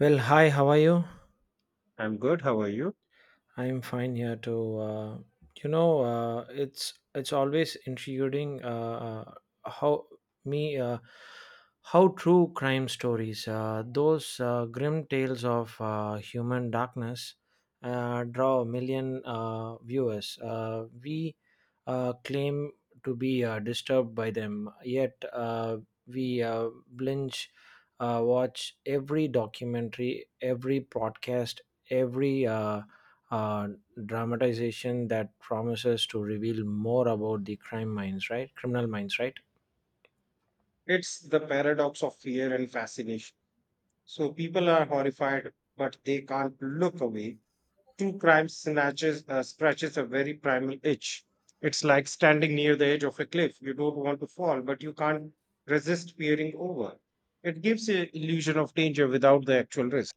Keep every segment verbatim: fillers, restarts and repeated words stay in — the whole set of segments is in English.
Well, hi, how are you? I'm good. How are you? I'm fine here too. Uh, you know, uh, it's it's always intriguing uh, uh, how me uh, how true crime stories, uh, those uh, grim tales of uh, human darkness, uh, draw a million uh, viewers. Uh, we uh, claim to be uh, disturbed by them, yet uh, we uh, blinge uh, watch every documentary, every podcast, every. Uh, uh, dramatization that promises to reveal more about the crime minds, right? Criminal minds, right? It's the paradox of fear and fascination. So people are horrified, but they can't look away. True crime snatches, uh, scratches a very primal itch. It's like standing near the edge of a cliff. You don't want to fall, but you can't resist peering over. It gives an illusion of danger without the actual risk.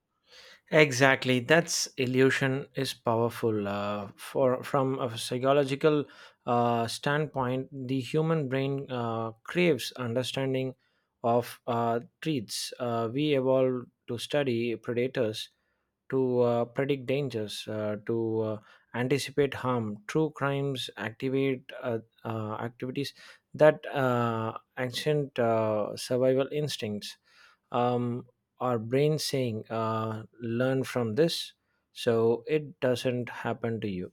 Exactly. That's illusion is powerful. Uh, for from a psychological uh, standpoint, the human brain uh, craves understanding of uh, treats. Uh, we evolved to study predators to uh, predict dangers, uh, to uh, anticipate harm. True crimes activate uh, uh, activities that uh, ancient uh, survival instincts. Um, our brain saying, uh, "Learn from this," so it doesn't happen to you.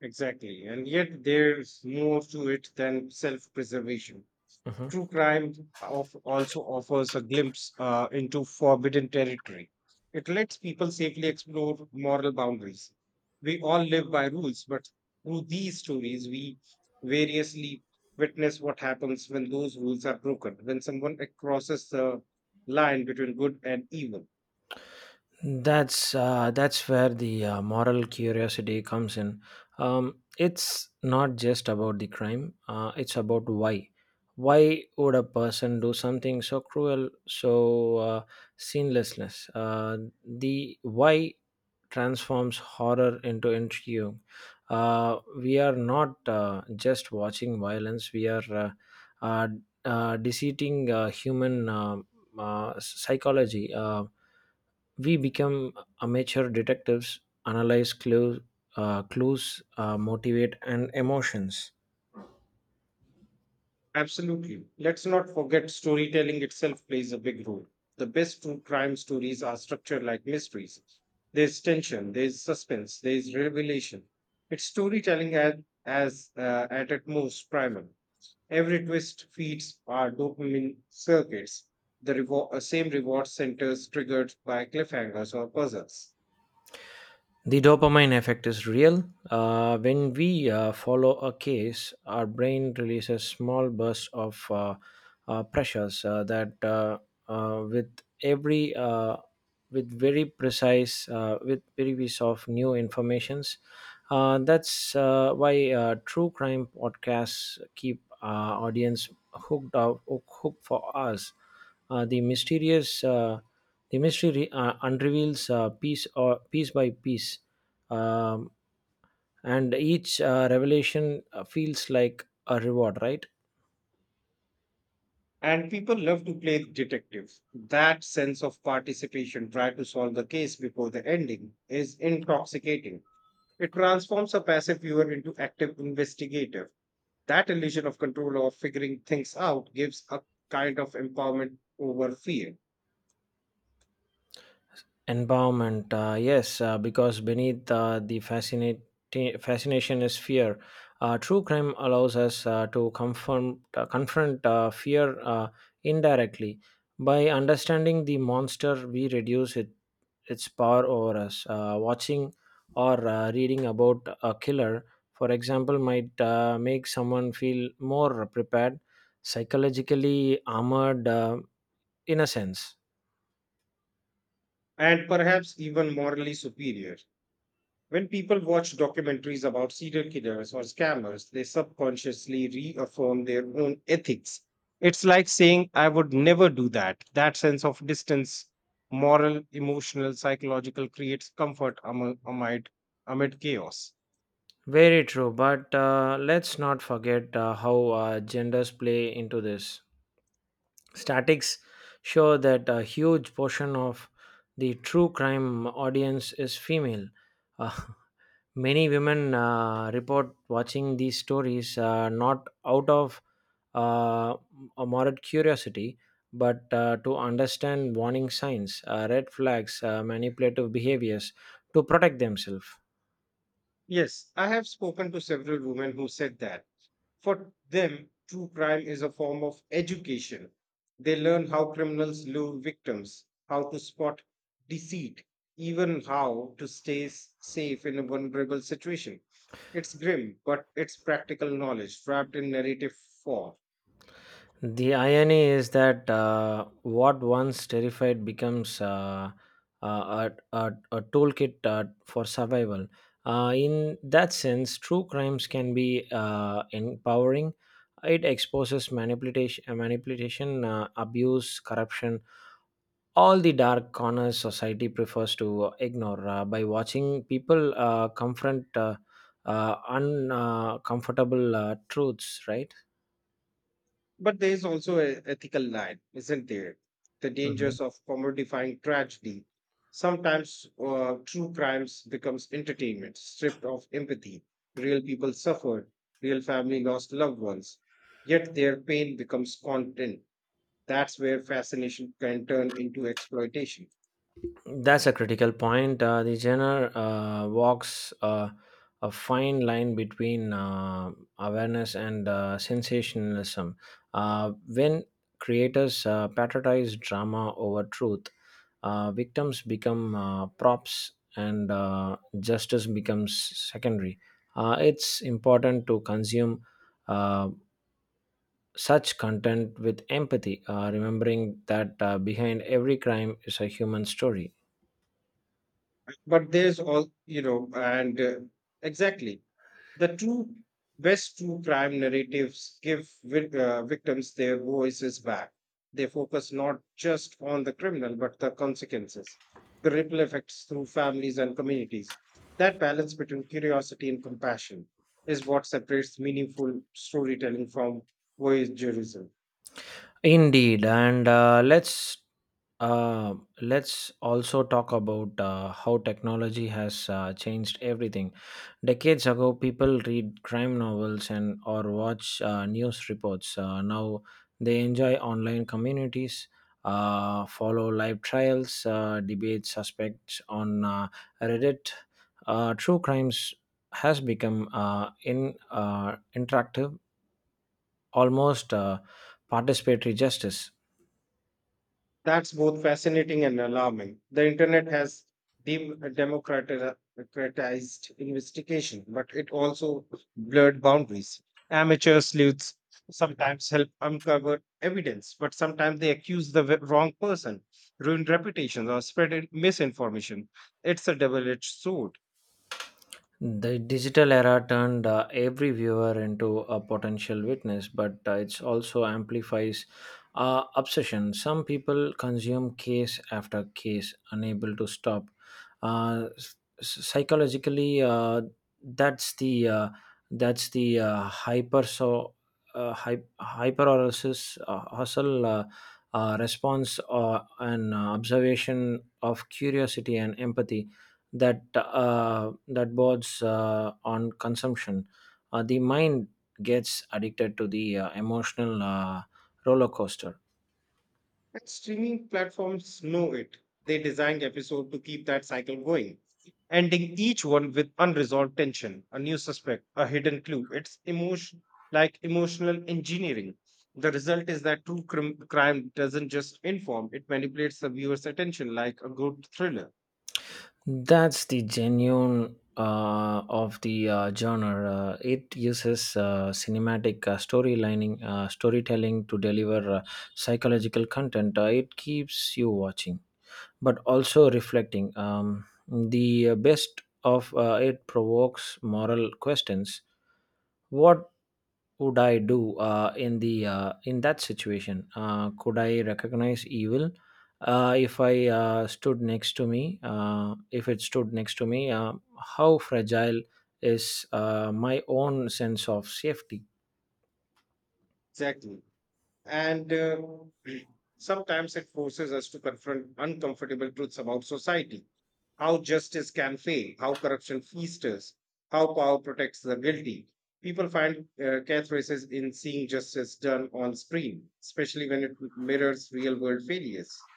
Exactly. And yet there's more to it than self preservation. Mhm. True crime of also offers a glimpse uh, into forbidden territory. It lets people safely explore moral boundaries. We all live by rules, but through these stories, we variously witness what happens when those rules are broken, when someone crosses the line between good and evil. That's uh, that's where the uh, moral curiosity comes in. Um, it's not just about the crime; uh, it's about why. Why would a person do something so cruel, so uh, sinlessness? Uh, the why transforms horror into intrigue. Uh, we are not uh, just watching violence; we are uh, uh, uh, deceiving uh, human uh, uh, psychology. Uh, we become amateur detectives, analyze clues, uh, clues uh, motivate, and emotions. Absolutely. Let's not forget storytelling itself plays a big role. The best true crime stories are structured like mysteries. There's tension, there's suspense, there's revelation. It's storytelling at, as uh, at its most primal. Every twist feeds our dopamine circuits, the revo- uh, same reward centers triggered by cliffhangers or puzzles. The dopamine effect is real. Uh, when we uh, follow a case, our brain releases small bursts of uh, uh, pressures uh, that, uh, uh, with every, uh, with very precise, uh, with very piece of new informations. Uh, that's uh, Why uh, true crime podcasts keep uh, audience hooked up, hooked for us. Uh, the mysterious uh, the mystery re- uh, unreveals uh, piece or piece by piece, um, and each uh, revelation uh, feels like a reward, right? And people love to play detectives. That sense of participation, try to solve the case before the ending, is intoxicating. It transforms a passive viewer into active investigator. That illusion of control or figuring things out gives a kind of empowerment over fear, Empowerment, uh, yes, uh, because beneath uh, the fascinate fascination is fear. Uh, true crime allows us uh, to confront uh, confront uh, fear uh, indirectly by understanding the monster. We reduce it its power over us. Uh, watching or uh, reading about a killer, for example, might uh, make someone feel more prepared, psychologically armored uh, in a sense. and perhaps even morally superior. When people watch documentaries about serial killers or scammers, they subconsciously reaffirm their own ethics. It's like saying, I would never do that. That sense of distance, moral, emotional, psychological, creates comfort among, amid, amid chaos. Very true, but uh, let's not forget uh, how uh, genders play into this. Statics show that a huge portion of the true crime audience is female. Uh, many women uh, report watching these stories uh, not out of uh, a morbid curiosity, but uh, to understand warning signs, uh, red flags, uh, manipulative behaviors to protect themselves. Yes, I have spoken to several women who said that for them, true crime is a form of education. They learn how criminals lure victims, how to spot deceit, even how to stay s- safe in a vulnerable situation. It's grim, but it's practical knowledge wrapped in narrative form. The irony is that uh, what once terrified becomes uh, a, a, a, a toolkit uh, for survival. Uh, in that sense, true crimes can be uh, empowering. It exposes manipulation, manipulation uh, abuse, corruption, all the dark corners society prefers to ignore uh, by watching people uh, confront uh, uh, uncomfortable uh, truths, right? But there is also an ethical line, isn't there? The Mhm. dangers of commodifying tragedy. Sometimes uh, true crimes becomes entertainment, stripped of empathy. Real people suffered, real family lost loved ones, yet their pain becomes content. That's where fascination can turn into exploitation. That's a critical point. Uh, the genre uh, walks uh, a fine line between uh, awareness and uh, sensationalism. Uh, when creators uh, patronize drama over truth, uh, victims become uh, props and uh, justice becomes secondary. Uh, it's important to consume uh, such content with empathy, uh, remembering that uh, behind every crime is a human story. But there's all, you know, and uh, exactly the true best true crime narratives give vic- uh, victims their voices back. They focus not just on the criminal but the consequences, the ripple effects through families and communities. That balance between curiosity and compassion is what separates meaningful storytelling from voyeurism. Indeed, and uh, let's uh, let's also talk about uh, how technology has uh, changed everything. Decades ago, people read crime novels and or watch uh, news reports. Uh, now they enjoy online communities, uh, follow live trials, uh, debate suspects on uh, Reddit. Uh, true crimes has become uh, in uh, interactive, almost uh, participatory justice. That's both fascinating and alarming. The internet has dem- democratized investigation, but it also blurred boundaries. Amateur sleuths sometimes help uncover evidence, but sometimes they accuse the w- wrong person, ruin reputations, or spread in- misinformation. It's a double edged sword. The digital era turned uh, every viewer into a potential witness, but uh, it also amplifies uh, obsession. Some people consume case after case, unable to stop. Uh, s- Psychologically, uh, that's the uh, that's the uh, hyper so uh, hyper uh, hustle uh, uh, response uh, and uh, observation of curiosity and empathy that uh, that borders uh, on consumption. Uh, the mind gets addicted to the uh, emotional uh, roller coaster. And streaming platforms know it. They designed episode to keep that cycle going, ending each one with unresolved tension, a new suspect, a hidden clue. It's emotion like emotional engineering. The result is that true crim- crime doesn't just inform; it manipulates the viewer's attention like a good thriller. That's the genuine uh, of the uh, genre. Uh, it uses uh, cinematic uh, storylining, uh, storytelling to deliver uh, psychological content. Uh, it keeps you watching, but also reflecting. Um, the uh, best of uh, it provokes moral questions. What would I do uh, in the uh, in that situation? Uh, could I recognize evil uh, if I uh, stood next to me? Uh, if it stood next to me, uh, how fragile is uh, my own sense of safety? Exactly. And uh, sometimes it forces us to confront uncomfortable truths about society, how justice can fail, how corruption festers, how power protects the guilty. People find uh, catharsis in seeing justice done on screen, especially when it mirrors real world failures.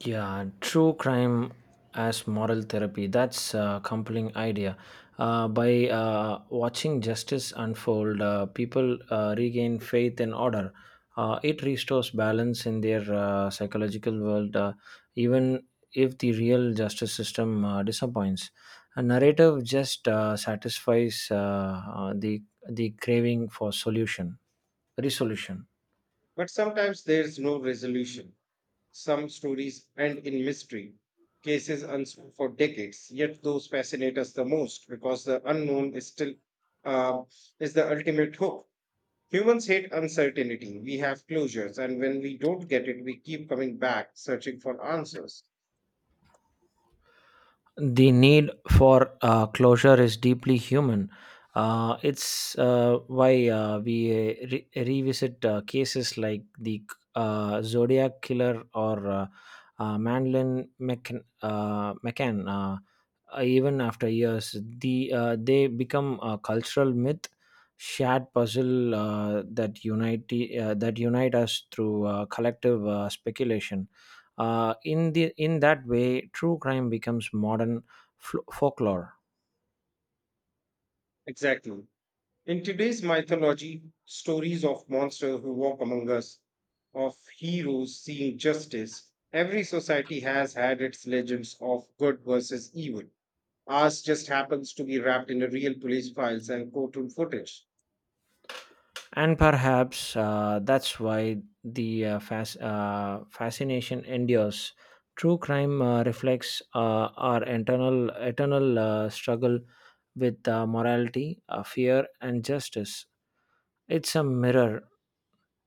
Yeah, true crime as moral therapy. That's a compelling idea. Uh, by uh, watching justice unfold, uh, people uh, regain faith and order. Uh, it restores balance in their uh, psychological world, uh, even if the real justice system uh, disappoints. A narrative just uh, satisfies uh, uh, the the craving for solution, resolution. But sometimes there's no resolution. Some stories end in mystery, cases unsolved for decades, yet those fascinate us the most because the unknown is still uh, is the ultimate hope. Humans hate uncertainty. We have closures, and when we don't get it, we keep coming back searching for answers. The need for uh, closure is deeply human. Uh, it's uh, why uh, we uh, re- revisit uh, cases like the uh, Zodiac killer or uh, uh, Mandolin McCann, uh, McCann uh, uh, even after years. The uh, they become a cultural myth, shared puzzle uh, that unite uh, that unite us through uh, collective uh, speculation. Uh, in the in that way, true crime becomes modern fl- folklore, Exactly. In today's mythology, stories of monsters who walk among us, of heroes seeing justice, every society has had its legends of good versus evil. Ours just happens to be wrapped in a real police files and courtroom footage. and perhaps uh, that's why the uh, fas- uh, fascination endures. True crime uh, reflects uh, our internal eternal uh, struggle with uh, morality, uh, fear, and justice. It's a mirror,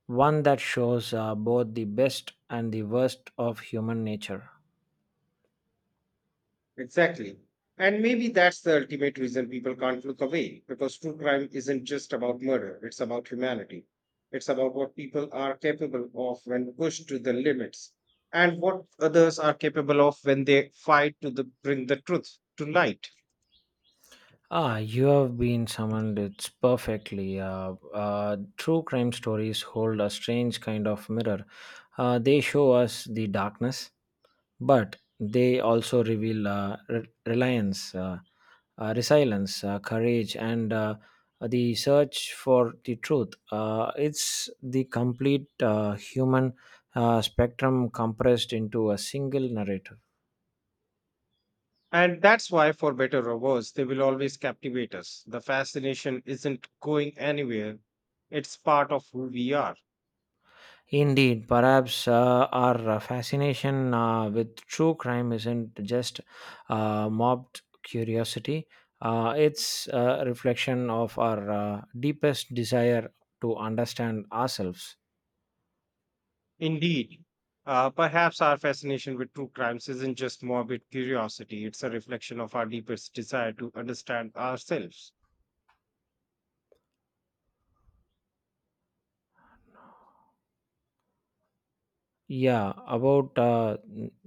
one that shows uh, both the best and the worst of human nature. Exactly. And maybe that's the ultimate reason people can't look away, because true crime isn't just about murder, it's about humanity. It's about what people are capable of when pushed to the limits, and what others are capable of when they fight to the, bring the truth to light. Ah, you have been summoned. It's perfectly. Uh, uh, true crime stories hold a strange kind of mirror. Uh, they show us the darkness, but they also reveal uh, re- reliance, uh, uh, resilience, uh, courage, and uh, the search for the truth. Uh, it's the complete uh, human uh, spectrum compressed into a single narrative. And that's why, for better or worse, they will always captivate us. The fascination isn't going anywhere, it's part of who we are. Indeed, perhaps uh, our uh, fascination uh, with true crime isn't just uh, mobbed curiosity, uh, it's a reflection of our uh, deepest desire to understand ourselves. Indeed, uh, perhaps our fascination with true crimes isn't just morbid curiosity, it's a reflection of our deepest desire to understand ourselves. Yeah, about uh,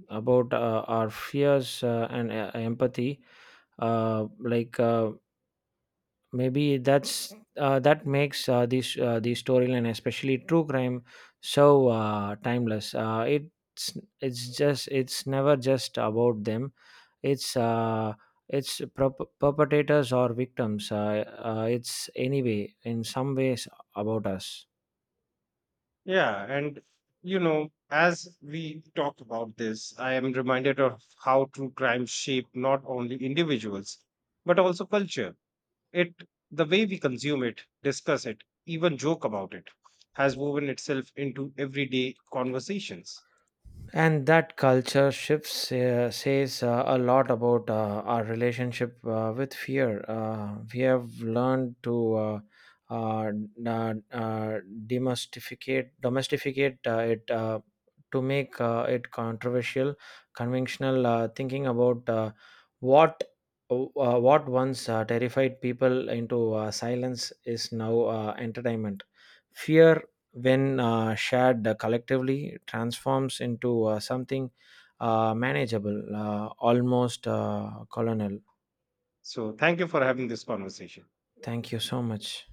about uh, our fears uh, and uh, empathy, uh, like uh, maybe that's uh, that makes uh, this uh, the storyline, especially true crime, so uh, timeless. Uh, it's it's just it's never just about them, it's uh, it's perp- perpetrators or victims, uh, uh, it's anyway in some ways about us. Yeah, and you know, as we talk about this, I am reminded of how true crime shape not only individuals but also culture. It the way we consume it, discuss it, even joke about it has woven itself into everyday conversations. And that culture shifts uh, says uh, a lot about uh, our relationship uh, with fear. Uh, we have learned to uh, uh, n- uh, uh, demystificate domestificate uh, it, uh, to make uh, it controversial, conventional uh, thinking about uh, what uh, what once uh, terrified people into uh, silence is now uh, entertainment. Fear when uh, shared uh, collectively transforms into uh, something uh, manageable, uh, almost uh, colonel. So, thank you for having this conversation. Thank you so much.